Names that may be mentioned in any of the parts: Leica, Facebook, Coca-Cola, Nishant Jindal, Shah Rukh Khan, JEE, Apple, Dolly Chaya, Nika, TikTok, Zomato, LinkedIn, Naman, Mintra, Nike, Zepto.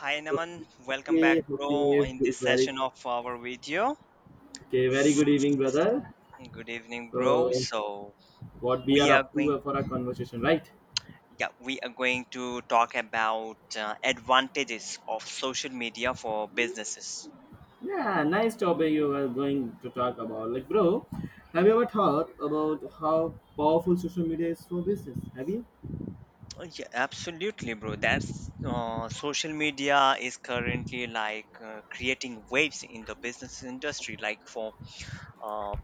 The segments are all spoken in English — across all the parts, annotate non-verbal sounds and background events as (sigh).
Hi Naman, welcome Okay, back, bro. okay, In good- this very session of our video, okay, very good evening, brother. good evening, bro. So, So what we are we are up to going, for our conversation, right? yeah, we are going to talk about advantages of social media for businesses. Yeah, nice topic you are going to talk about. Like, bro, have you ever thought about how powerful social media is for business? Have you? Oh, yeah, absolutely, bro. That's Social media is currently creating waves in the business industry. Like for uh,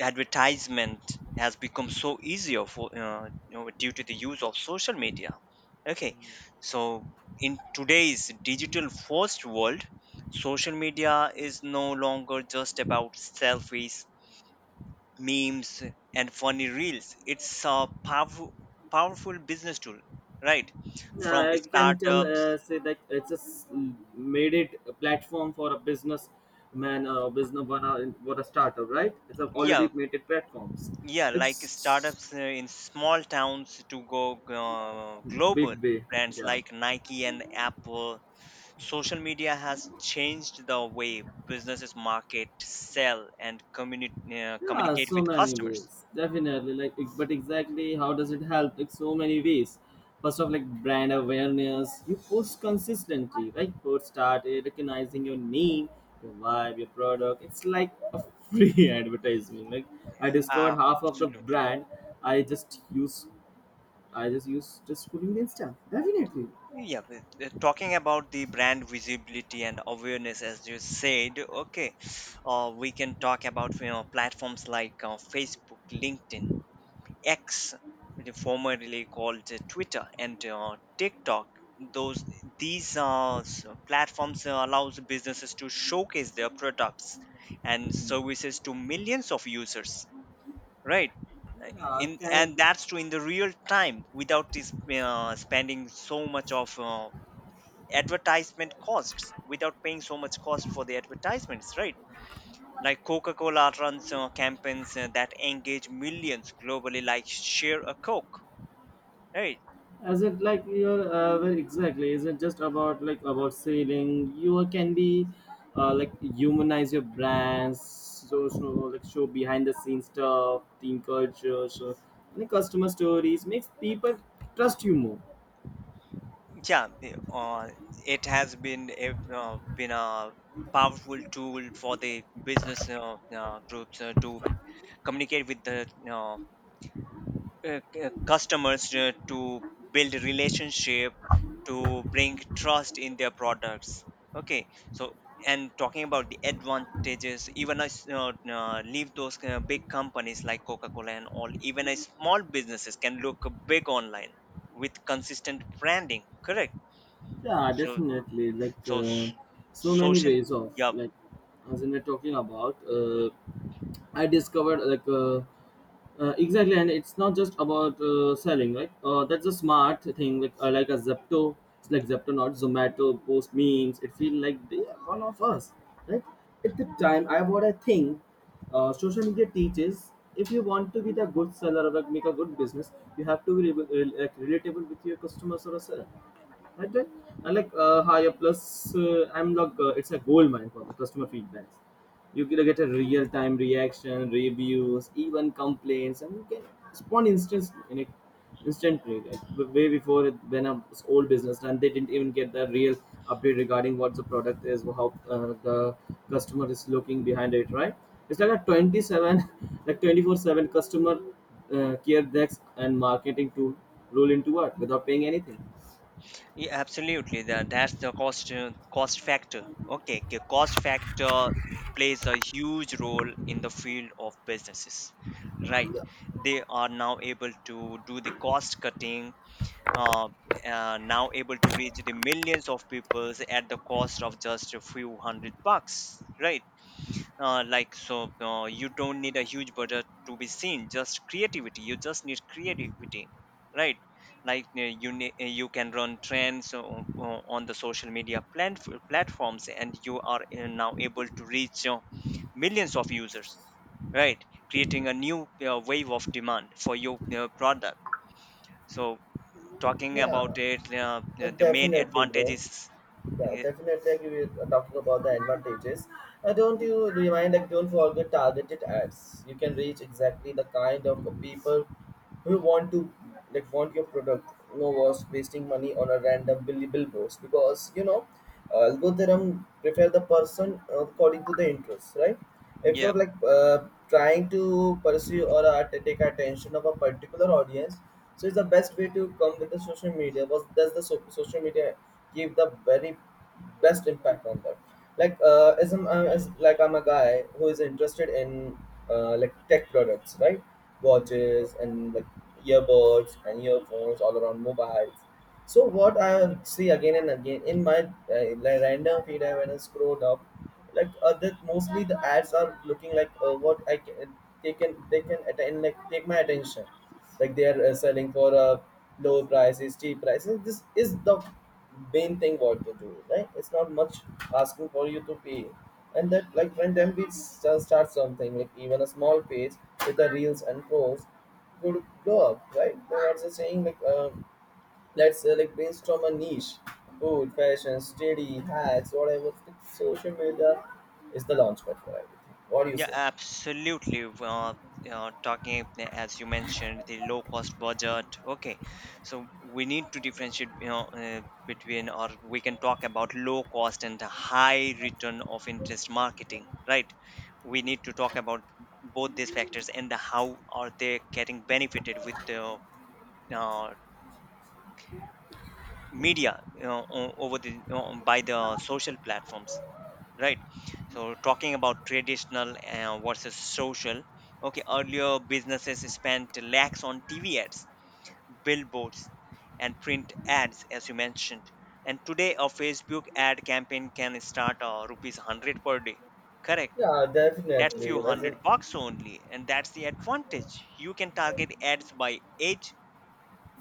advertisement has become so easier for you know due to the use of social media. Okay, so in today's digital first world, social media is no longer just about selfies, memes and funny reels. It's a powerful business tool, right? From Yeah, I can tell, startups, say that it's just made it a platform for a business man, business one, what a startup, right? It's a already yeah, made it platforms. yeah, like It's startups in small towns to go big global, way, brands yeah. like Nike and Apple. Social media has changed the way businesses market, sell, and Yeah, communicate so with many customers. ways. Definitely. Like, but exactly how does it help? Like, so many ways. First of, like brand awareness. You post consistently, right? Post started recognizing your name, your vibe, your product. It's like a free (laughs) advertisement. Like, I discovered half of the Absolutely, bro. brand. I just use. I just use just scrolling Insta. Definitely. Yeah, but, talking about the brand visibility and awareness, as you said, okay, we can talk about you know platforms like Facebook, LinkedIn, X, formerly called Twitter, and TikTok. Those these s- platforms allows businesses to showcase their products and Hmm. services to millions of users, right? Uh, Yeah, In can and that's true in the real time without this, spending so much of advertisement costs, without paying so much cost for the advertisements, right? Like Coca-Cola runs campaigns that engage millions globally, like share a Coke. Right. Is it like you're well, exactly? Is it just about like about selling You can be like humanize your brands, so, so like show behind the scenes stuff, team culture, so any customer stories makes people trust you more. Yeah. the- Uh, it has been a uh, been a powerful tool for the business groups to communicate with the uh, customers, to build a relationship, to bring trust in their products. Okay. So and talking about the advantages, even I leave those big companies like Coca Cola and all. Even a small businesses can look big online with consistent branding. Correct. Yeah, So, definitely. Like so s- so many social, ways of yeah, like as we were talking about, I discovered like. Exactly, and it's not just about selling, right? That's a smart thing, like a Zepto, it's like Zepto, not Zomato, post memes. It feels like they are one of us, right? At the time, I what I think, social media teaches if you want to be the good seller or like, make a good business, you have to be like, relatable with your customers or a seller. I think I like higher plus. I'm like it's a gold mine for the customer feedbacks. You can get a real time reaction, reviews, even complaints, and you can respond instantly. Like way before it, when a old business and they didn't even get the real update regarding what the product is, how the customer is looking behind it. Right? It's like a 27, (laughs) like 24/7 customer care decks and marketing tool roll into work without paying anything. yeah, absolutely. That that's the cost factor. Okay, the cost factor plays a huge role in the field of businesses, right? They are now able to do the cost cutting. Uh, Now able to reach the millions of people at the cost of just a few hundred bucks, right? You don't need a huge budget to be seen just creativity you just need creativity, right? Like you can run trends on the social media platforms and you are now able to reach millions of users, right? Creating a new wave of demand for your product. So talking Yeah, about it, like the main definitely, advantage bro. is, Yeah, definitely. Like we are talking about the advantages. Don't you remind like don't forget targeted ads. You can reach exactly the kind of people who want to like want your product. No was wasting money on a random billboards because you know algorithm prefer the person according to the interest, right? If yeah, you're like trying to pursue or take attention of a particular audience, so it's the best way to come with the social media was does the social media give the very best impact on that. Like as like I'm a guy who is interested in like tech products, right? Watches and like earbuds and earphones all around mobiles. So what I see again and again in my like random feed I when I scroll up, like that mostly the ads are looking like what I can they can attain like take my attention, like they are selling for low prices, cheap prices. This is the main thing what to do, right? It's not much asking for you to pay, and that like when them we start something like even a small page with the reels and posts could go up, right? They are just saying like. Let's select based on a niche, food, fashion, study, hacks, whatever. Social media is the launchpad for everything. What do you yeah, say? absolutely. Talking as you mentioned, the low cost budget. Okay, so we need to differentiate, you know, between or we can talk about low cost and the high return of interest marketing, right? We need to talk about both these factors and the how are they getting benefited with the uh, media, you know, over the you know, by the social platforms, right? So talking about traditional versus social, okay, earlier businesses spent lakhs on TV ads, billboards and print ads, as you mentioned. And today a Facebook ad campaign can start rupees 100 per day, correct? Yeah, That's definitely. few As a, hundred bucks only, and that's the advantage. You can target ads by age,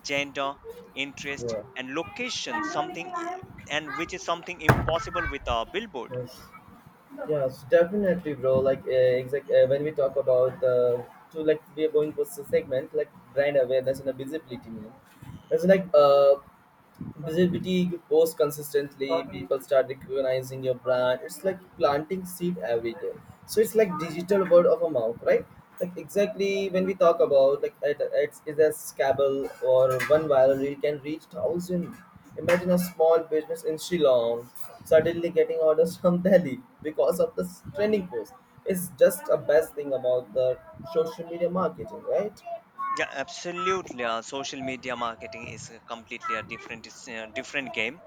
gender, interest and location something, and which is something impossible with a billboard. yes, definitely, bro. Like, exact when we talk about the to like we are going for segment like brand awareness and the visibility. You it's like visibility, you post consistently, people start recognizing your brand, it's like planting seed every day. So it's like digital word of a mouth, right? Like exactly when we talk about like it's a scabble or one viral reel can reach thousand. Imagine a small business in Shillong suddenly getting orders from (laughs) Delhi because of this trending post. It's just a best thing about the social media marketing, right? Yeah, absolutely. Social media marketing is a completely different game.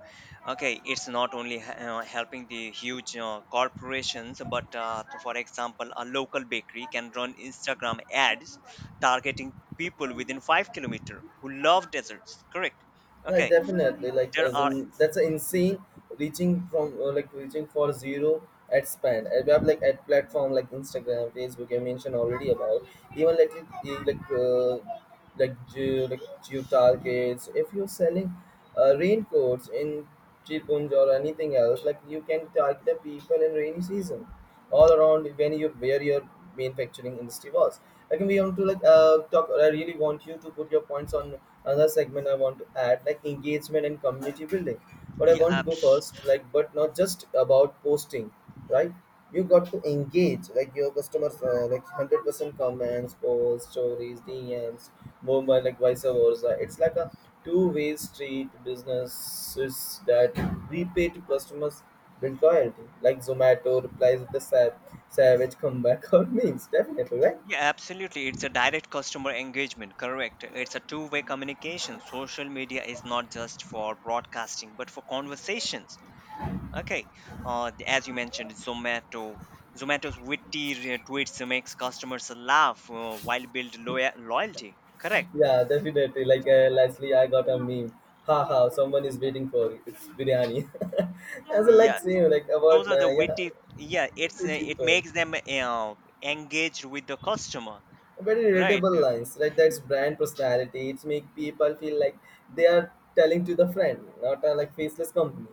Okay, it's not only helping the huge corporations, but for example, a local bakery can run Instagram ads targeting people within 5 km who love desserts. Correct. Now Okay, there are, that's a insane reaching from like reaching for zero at span, and we have like at platform like Instagram, Facebook, I mentioned already about even like like like Jutal kits. If you're selling raincoats in Chipunj or anything else, like you can target the people in rainy season, all around when you where your manufacturing industry was. Like we want to like talk. I really want you to put your points on another segment. I want to add like engagement and community building. But I yeah, want to go first, like but not just about posting, right? You got to engage like your customers like 100% comments, posts, stories, DMs, mobile like vice versa. It's like a two-way street, businesses that repay to customers build loyalty. Like Zomato replies with a savage comeback (laughs) or memes, definitely, right? yeah, absolutely. It's a direct customer engagement. Correct. It's a two-way communication. Social media is not just for broadcasting, but for conversations. Okay, as you mentioned, Zomato. Zomato's witty tweets makes customers laugh while build loyalty. Correct. Yeah, definitely. Like lastly, I got a meme. Ha ha! Someone is waiting for it. It's biryani. (laughs) I a Yeah, like same like those about are na the yeah, witty. Yeah, it's pretty it tone. makes them engaged with the customer, Very right? relatable lines, right? That's brand personality, it's make people feel like they are telling to the friend, not a like faceless company.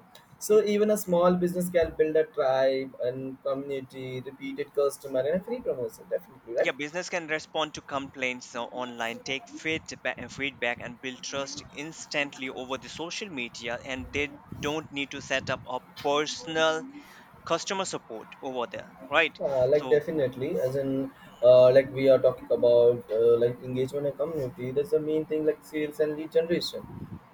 So Mm, even a small business can build a tribe and community, repeated customer and a free promotion, definitely, right? yeah, business can respond to complaints online, take feedback, and build trust instantly over the social media, and they don't need to set up a personal customer support over there, right? Like So definitely as in like we are talking about like engagement and community, that's the main thing like sales and lead generation,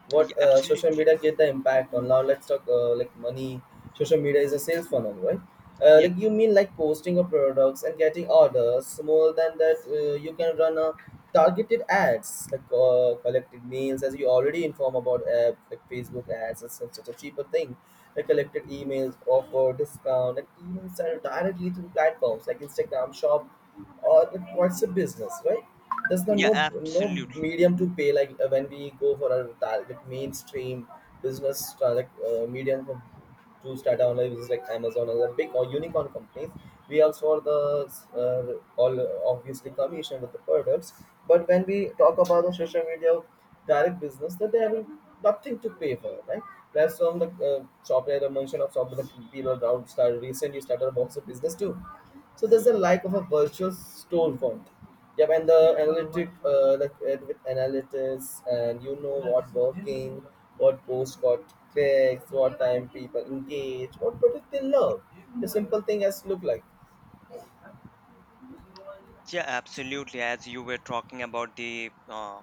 what yeah, social absolutely. media get the impact on. Now let's talk like money. Social media is a sales funnel, right? Yeah, Like you mean like posting of products and getting orders, more than that you can run a targeted ads, like collected mails as you already inform about like Facebook ads, it's such a cheaper thing. Like collected emails, offer discount, and even sell directly through platforms like Instagram shop or it, what's a business, right? There's yeah, no absolutely. medium to pay. Like when we go for a target mainstream business, medium for, to start our lives is like Amazon or the big or unicorn companies. We also are the all obviously commission with the products. But when we talk about the social media direct business, that they have nothing to pay for, right? Plus, from the software, the mention of software, the people around started recently started also business too. So there's a lack of a virtual storefront. Yep, and the analytic, the with analytics, and you know what working, what post got clicks, what time people engage, what product they love. The simple thing has look like Yeah, absolutely. As you were talking about the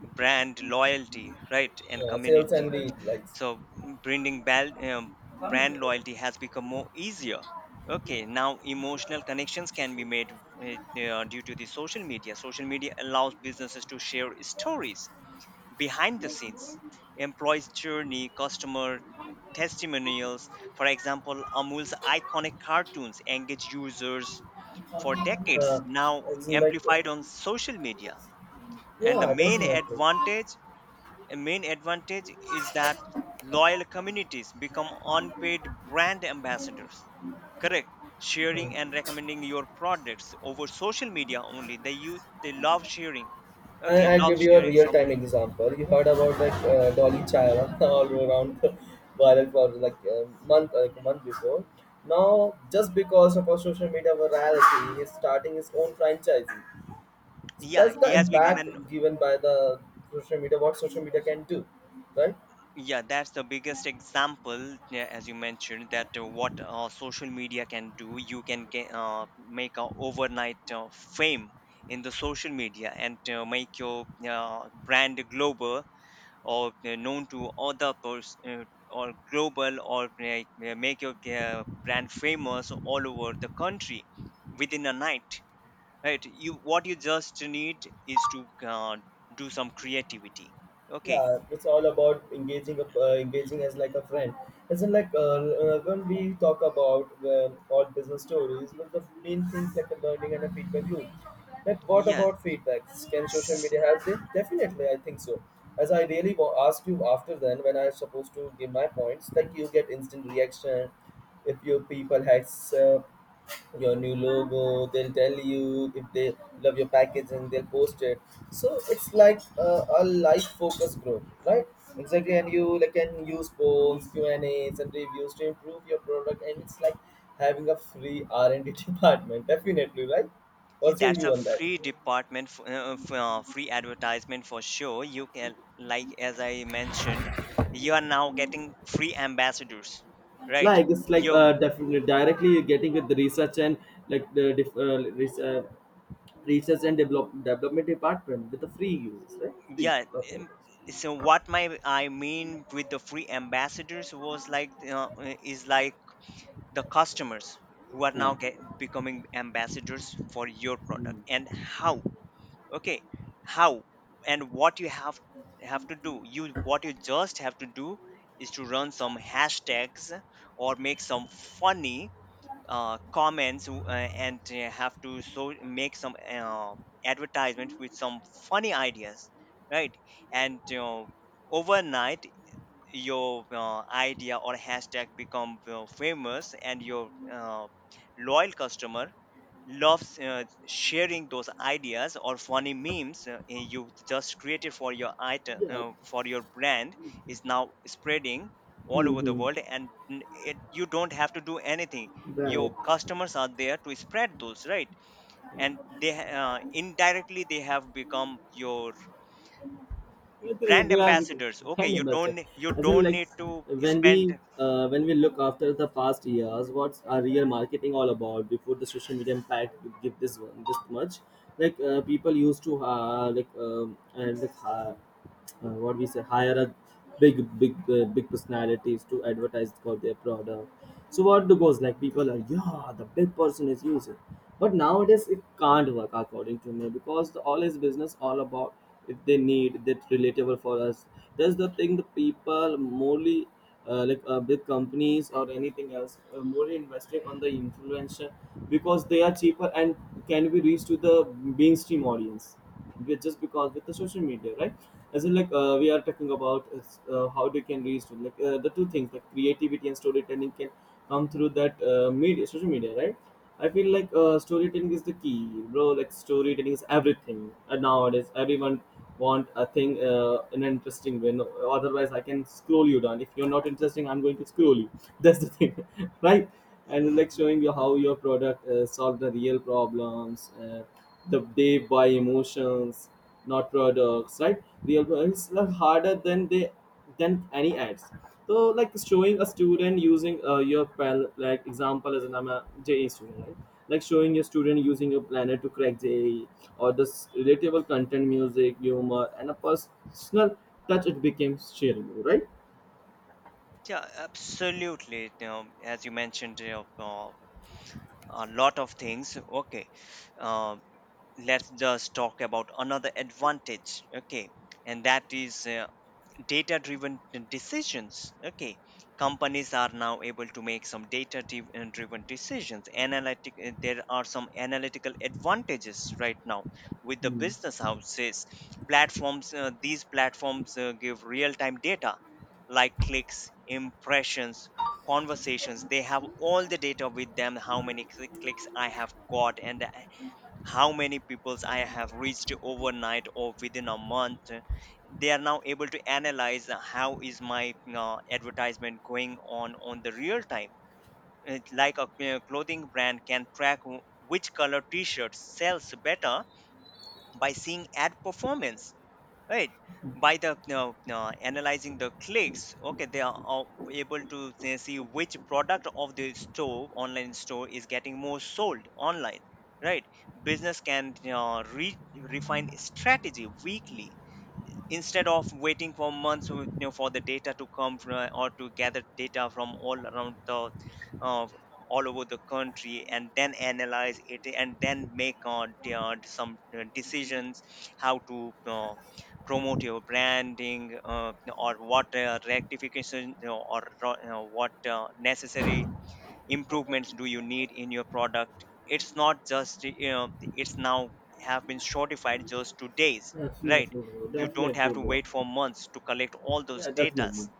brand loyalty, right, and yeah, sales and community. lead Like, So brand loyalty has become more easier. Okay, now emotional connections can be made due to the social media. Social media allows businesses to share stories, behind the scenes, employees journey, customer testimonials. For example, Amul's iconic cartoons engage users for decades Uh, now, it's like amplified on social media. And the yeah, main definitely. advantage a main advantage is that loyal communities become unpaid brand ambassadors, correct, sharing and Hmm. recommending your products over social media only. They you they love sharing, okay, I love give you a sharing real time something. example. You heard about like Dolly Chaya (laughs) all around the viral for like a month before. Now, just because of our social media virality, he's starting his own franchise. So that's Yeah, the he has become impact an, given by the social media. What social media can do, right? yeah, that's the biggest example, yeah, as you mentioned, that what social media can do. You can get, make a overnight fame in the social media and make your brand global, or known to other person, or global or yeah, make your brand famous all over the country within a night. Right? You what you just need is to do some creativity. Okay. Yeah, it's all about engaging as like a friend. Isn't like when we talk about all business stories, one of the main things like a learning and a feedback loop. Like what Yeah, about feedbacks, can social media help it? Definitely I think so. As I really asked you after then when I'm supposed to give my points, like you get instant reaction. If your people accept your new logo, they'll tell you. If they love your packaging, they'll post it. So it's like a life focus group, right? Exactly, and you like can use polls, Q and A's and reviews to improve your product, and it's like having a free R&D (laughs) department, definitely, right? eh, What's your that's view a on that? free department, free advertisement for sure. You can, like as I mentioned, you are now getting free ambassadors, right? Like it's like You, definitely directly getting with the research and like Research and develop, Development Department with the free use, right? Free. yeah. Okay. um, So what my I mean with the free ambassadors was like is like the customers who are now Yeah. get, becoming ambassadors for your product Mm. and how. Okay, how and what you have to do, you what you just have to do is to run some hashtags or make some funny comments and have to so make some advertisement with some funny ideas, right? And you overnight your idea or hashtag become famous and your loyal customer loves sharing those ideas or funny memes, you just created for your item Yeah. For your brand is now spreading all over the Mm-hmm. world. And it, you don't have to do anything. Right. Your customers are there to spread those, right? And they indirectly they have become your But, brand they are ambassadors. Okay, kind of you master. don't, you As in, don't like need to spend. When we look after the past years, what's our real marketing all about before the social media impact would give this one this much? Like people used to like and like what we say hire a big personalities to advertise for their product so what the goes like people are yeah the big person is using. But nowadays it can't work according to me, because the all is business all about if they need that relatable for us. That's the thing, the people morely big companies or anything else more investing on the influencer, because they are cheaper and can be reached to the mainstream audience. Just because with the social media, right? As in like we are talking about is, how they can reach to like the two things like creativity and storytelling can come through that media, social media, right? I feel like storytelling is the key, bro. Like storytelling is everything, and nowadays everyone want a thing in an interesting way, no? Otherwise I can scroll you down. If you're not interesting, I'm going to scroll you (laughs) that's the thing (laughs) right? And like showing you how your product solved the real problems. They buy emotions, not products, right? Real it's are harder than they, than any ads. So like showing a student using like example, as an I'm a J E student, right? Like showing your student using your planner to crack JE, or this relatable content, music, humor, and a personal touch, it became shareable, right? Yeah, absolutely, you know, as you mentioned, you know, a lot of things, okay, uh, let's just talk about another advantage. Okay, and that is data driven decisions. Okay, companies are now able to make some data driven decisions, analytic. There are some analytical advantages right now with the Hmm. business houses, platforms. These platforms give real time data, like clicks, impressions, conversations. They have all the data with them, how many clicks I have got, and how many peoples I have reached overnight or within a month. They are now able to analyze how is my advertisement going on the real time. It's like a clothing brand can track which color t-shirt sells better by seeing ad performance, right? By the no, no, analyzing the clicks. Okay, they are all able to, they see which product of the store online store is getting more sold online, right? Business can you refine strategy weekly instead of waiting for months, you know, for the data to come from, or to gather data from all around the uh, all over the country, and then analyze it, and then make some decisions how to promote your branding, or what rectification, you know, or you know, what necessary improvements do you need in your product. It's not just, you know, it's now have been shortified just to days, right? Definitely, bro. You don't have Definitely, to bro. wait for months to collect all those Yeah, definitely. datas.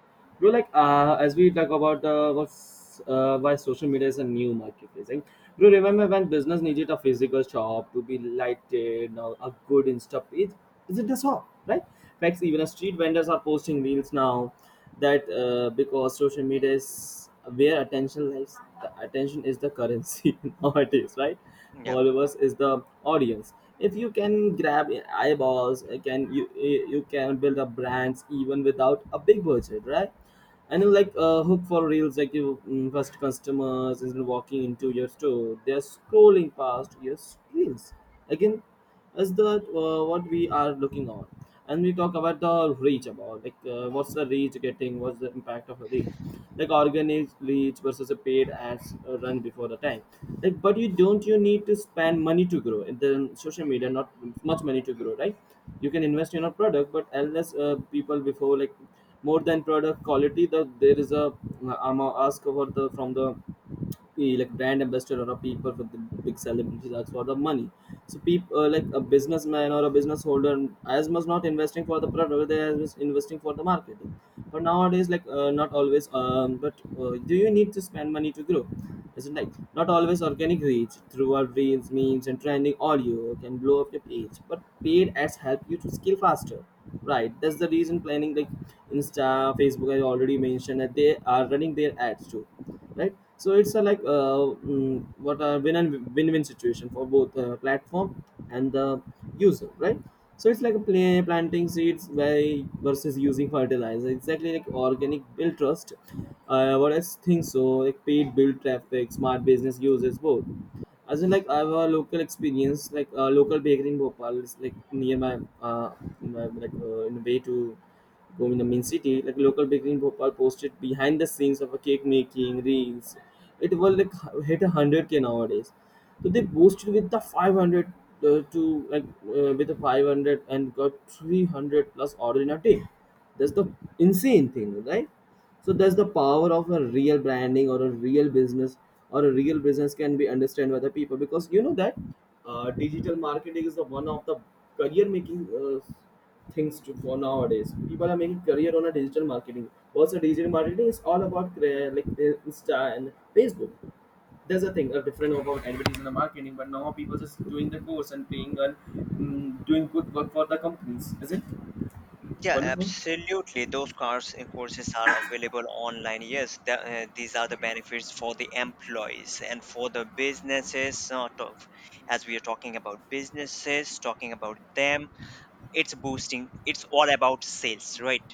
Bro, like as we talk about what's why social media is a new marketplace, right? Bro, remember when business needed a physical shop to be lighted, or a good Insta page? Is it a shop, right? Facts, even a street vendors are posting reels now. That because social media is where attention lies. The attention is the currency (laughs) nowadays, right? Yeah, Followers is the audience. If you can grab eyeballs, can you can build up brands even without a big budget, right? And then like hook for reels, like you first customers is walking into your store, they're scrolling past your reels. Again is the what we are looking on. And we talk about the reach, about like what's the reach getting, what's the impact of a reach, like organic reach versus a paid ads run before the time. Like but you don't, you need to spend money to grow in the social media, not much money to grow, right? You can invest in a product, but unless people before like, more than product quality, the there is a amount ask for the from the, be like brand ambassador or a people for the big celebrities as for the money. So people like a businessman or a business holder, as much not investing for the product, but they are just investing for the marketing. But nowadays like not always, but do you need to spend money to grow? Isn't like not always. Organic reach through our reels, memes, and trending audio can blow up your page, but paid ads help you to scale faster, right? That's the reason planning, like Insta, Facebook, I already mentioned that they are running their ads too, right? So it's a like what a win and win-win situation for both platform and the user, right? So it's like a play, planting seeds by versus using fertilizer, exactly, like organic build trust, what I think. So like paid build traffic, smart business uses both. As in, like I have a local experience, like a local bakery in Bhopal is like near my, in my like in a way to go in the main city. Like local bakery in Bhopal posted behind the scenes of a cake making reels. It will like hit 100K nowadays. So they boosted with the 500 to like with the 500, and got 300 plus order in a day. That's the insane thing, right? So that's the power of a real branding or a real business, or a real business can be understood by the people, because you know that digital marketing is the one of the career making things to, for nowadays. People are making career on a digital marketing. What's a digital marketing? It's all about like the Insta and Facebook. There's a thing, a different about advertising and marketing, but now people just doing the course and paying and doing good work for the companies. Is it yeah, wonderful? absolutely, those cars and courses are available online. Yes, these are the benefits for the employees and for the businesses sort of. As we are talking about businesses talking about them, it's boosting, it's all about sales, right?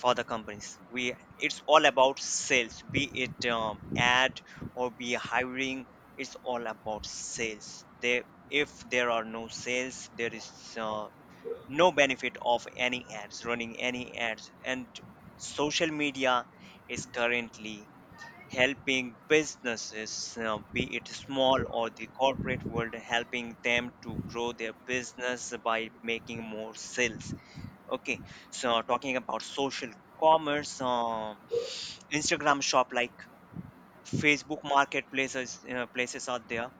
For the companies we it's all about sales, be it ad or be hiring, it's all about sales there. If there are no sales, there is uh, no benefit of any ads running any ads. And social media is currently helping businesses, be it small or the corporate world, helping them to grow their business by making more sales. Okay, so talking about social commerce, Instagram shop like Facebook marketplaces places are there.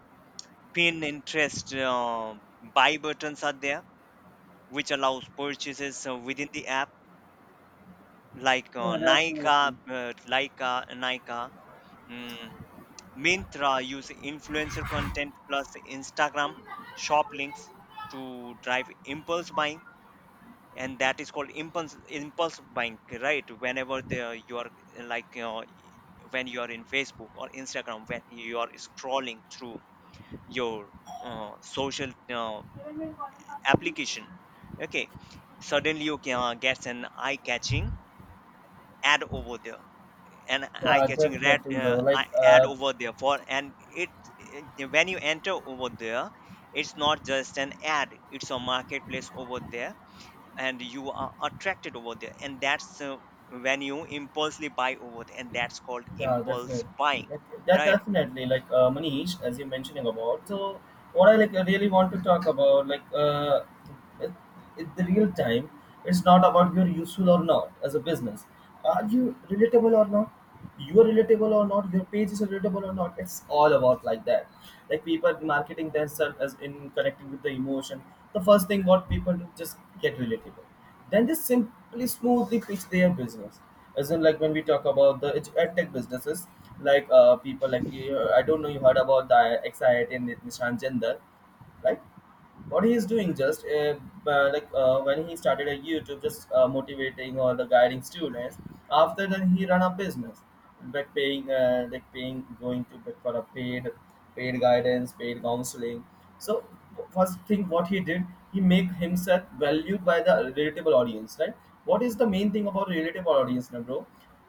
Pinterest buy buttons are there, which allows purchases within the app, like Yeah, definitely. Leica, Nika, mm, Mintra use influencer content plus Instagram shop links to drive impulse buying. And that is called impulse buying, right? Whenever the, you are uh, like uh, when you are in Facebook or Instagram, when you are scrolling through your social application, okay, suddenly you can get an eye catching ad over there, an eye Yeah, catching red definitely, bro. Like, ad over there for and it when you enter over there, it's not just an ad, it's a marketplace over there, and you are attracted over there, and that's when you impulsively buy over there, and that's called yeah, impulse definitely. buying, Like, that right? definitely, like, Manish, as you're mentioning about. So, what I like really want to talk about, like, it, the real time, it's not about you're useful or not as a business. Are you relatable or not? You are relatable or not? Your page is relatable or not? It's all about like that. Like people marketing themselves as in connecting with the emotion. The first thing what people do just get relatable, then they simply smoothly pitch their business. As in like when we talk about the ed edtech businesses, like people like I don't know, you heard about the Nishant Jindal, right? What he is doing, just when he started a YouTube, just motivating or the guiding students. After then he ran a business, like paying, going to like, for a paid guidance, paid counseling. So first thing what he did, he make himself valued by the relatable audience, right? What is the main thing about relatable audience now, bro?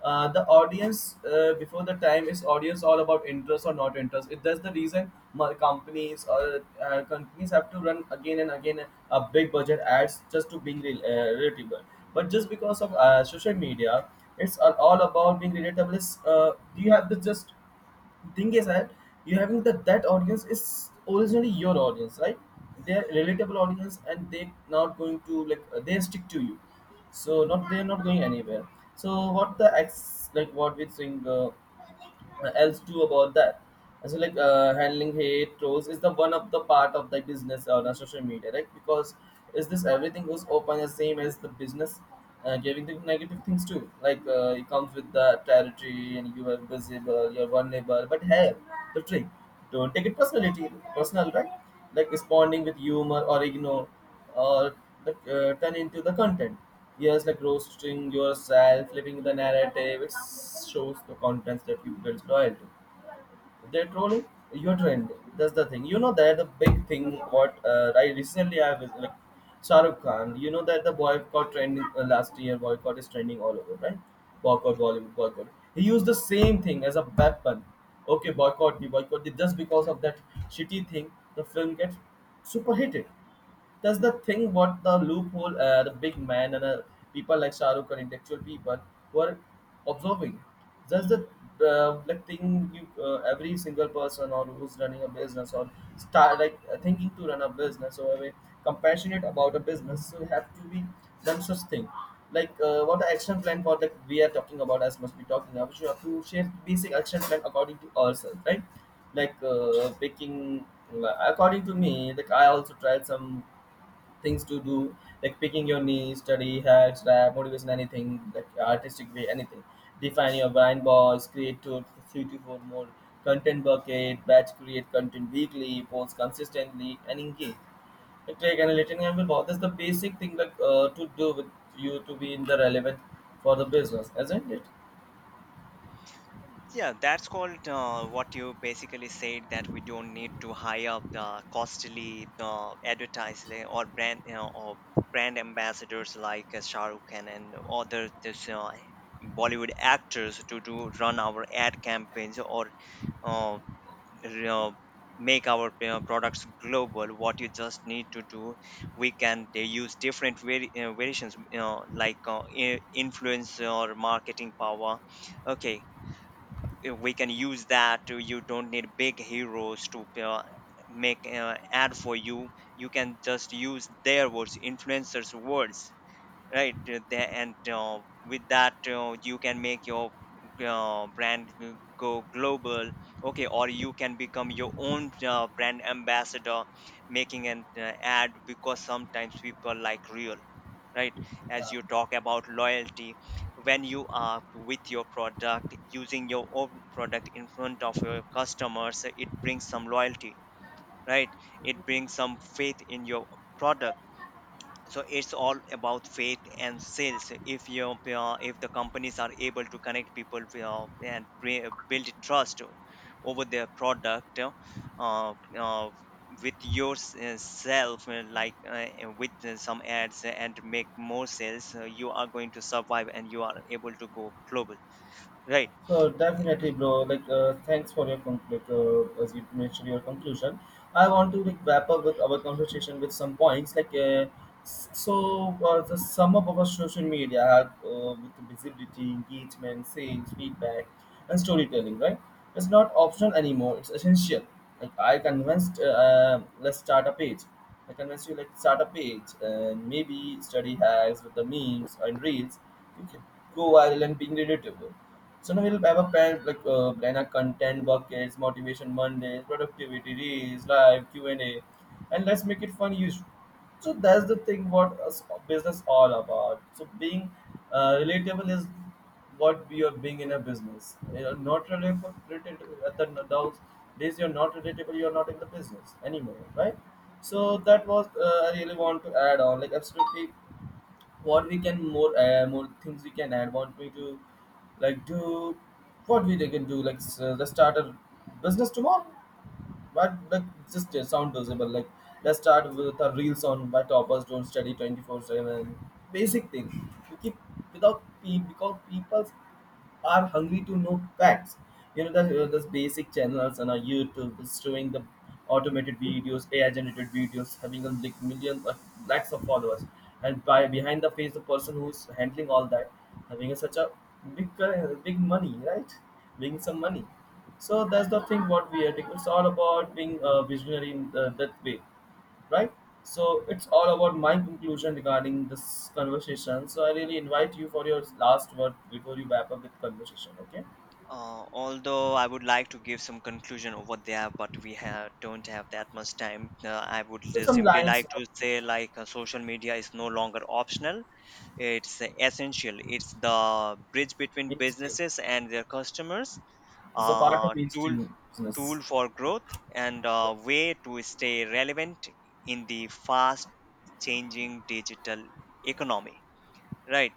The audience before the time is audience all about interest or not interest it, that's the reason my companies or companies have to run again and again a big budget ads just to being relatable. But just because of social media, it's all about being relatable is do you have the, just thing is that you having that audience is originally your audience, right? They're relatable audience and they not going to like they stick to you, so not they're not going anywhere. So what the ex, like what we think else do about that. And so like handling hate trolls is the one of the part of the business on our social media, right? Because is this everything goes open the same as the business, and you the negative things too. Like it comes with the territory, and you are visible, you're vulnerable. But hey, the trick: don't take it personality, personal, right? Like responding with humor or ignore, or like, turn into the content. Yes, like roasting yourself, flipping the narrative, it shows the contents that you built loyalty. They're trolling, you're trending, that's the thing, you know, that the big thing, what I was like, Shahrukh Khan, you know that the boycott trending last year, boycott is trending all over, right? Boycott, Bollywood boycott. He used the same thing as a weapon. Okay, boycott me, boycott me. Just because of that shitty thing, the film gets super hitted. That's the thing. What the loophole, the big man, and people like Shah Rukh and intellectual people who are observing. That's the like thing, you every single person or who's running a business or start like thinking to run a business or compassionate about a business, so have to be done such thing. Like what the action plan for that we are talking about, as must be talking about, you have to share basic action plan according to ourselves, right? Like picking, according to me, like I also tried some things to do, like picking your niche, study hacks, rap, motivation, anything, like artistic way, anything. Define your blind balls, create two, three to four more content bucket, batch create content, weekly post consistently, and engage. Like take an relating angle, that's the basic thing like to do with you, to be in the relevant for the business, isn't it? Yeah, that's called what you basically said, that we don't need to hire the costly advertising or brand you know, or brand ambassadors like Shah Rukh Khan and other this Bollywood actors to do run our ad campaigns or uh, you know, make our you know, products global. What you just need to do, we can they use different variations, you know, like influence or marketing power. Okay, we can use that to, you don't need big heroes to make ad for you. You can just use their words, influencers words, right? The- and With that you can make your brand go global. Okay, or you can become your own brand ambassador, making an ad, because sometimes people like real, right? As Yeah. you talk about loyalty, when you are with your product, using your own product in front of your customers, it brings some loyalty, right? It brings some faith in your product. So it's all about faith and sales. If you if the companies are able to connect people and build trust over their product, uh, with yourself, with some ads and make more sales, you are going to survive and you are able to go global, right? So definitely, bro. Like, thanks for your like as you mentioned your conclusion. I want to like wrap up with our conversation with some points. Like, so the sum up of our social media with the visibility, engagement, sales, feedback, and storytelling, right? It's not optional anymore. It's essential. Like I convinced, let's start a page. I convinced you, like start a page and maybe study hacks with the memes and reels. You can go viral and being relatable. So now we'll have a plan, like plan our content buckets, motivation Mondays, productivity reels, live Q and A, and let's make it fun. Use, so that's the thing, what a business all about. So being relatable is what we are being in a business. You're not relatable at the those days. You're not relatable, you're not in the business anymore, right? So that was I really want to add on. Like absolutely, what we can more, more things we can add, what we do, like do, what we can do, like let's start a business tomorrow, but like just sound visible. Like let's start with a real on why toppers don't study 24/7, basic thing, we keep without because people are hungry to know facts. You know, that those basic channels on our YouTube is showing the automated videos, AI generated videos, having a like million lakhs of followers, and by behind the face, the person who's handling all that, having a, such a big money, right? Making some money. So that's the thing what we are doing. It's all about being a visionary in the, that way, right? So it's all about my conclusion regarding this conversation. So I really invite you for your last word before you wrap up the conversation, okay? Although I would like to give some conclusion over there, but we have don't have that much time. I would So just some simply lines like of to say like social media is no longer optional. It's essential. It's the bridge between mainstream. businesses and their customers. It's a part of Uh, tool mainstream business. Tool for growth and a way to stay relevant in the fast changing digital economy, right?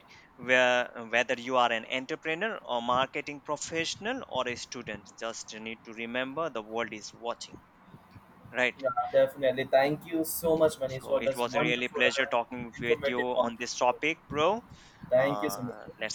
Where whether you are an entrepreneur or marketing professional or a student, just need to remember the world is watching, right? Yeah, definitely. Thank you so much, Manish, So for it this was really a wonderful pleasure and talking with you informative content. on this topic, bro. Thank you so much. Let's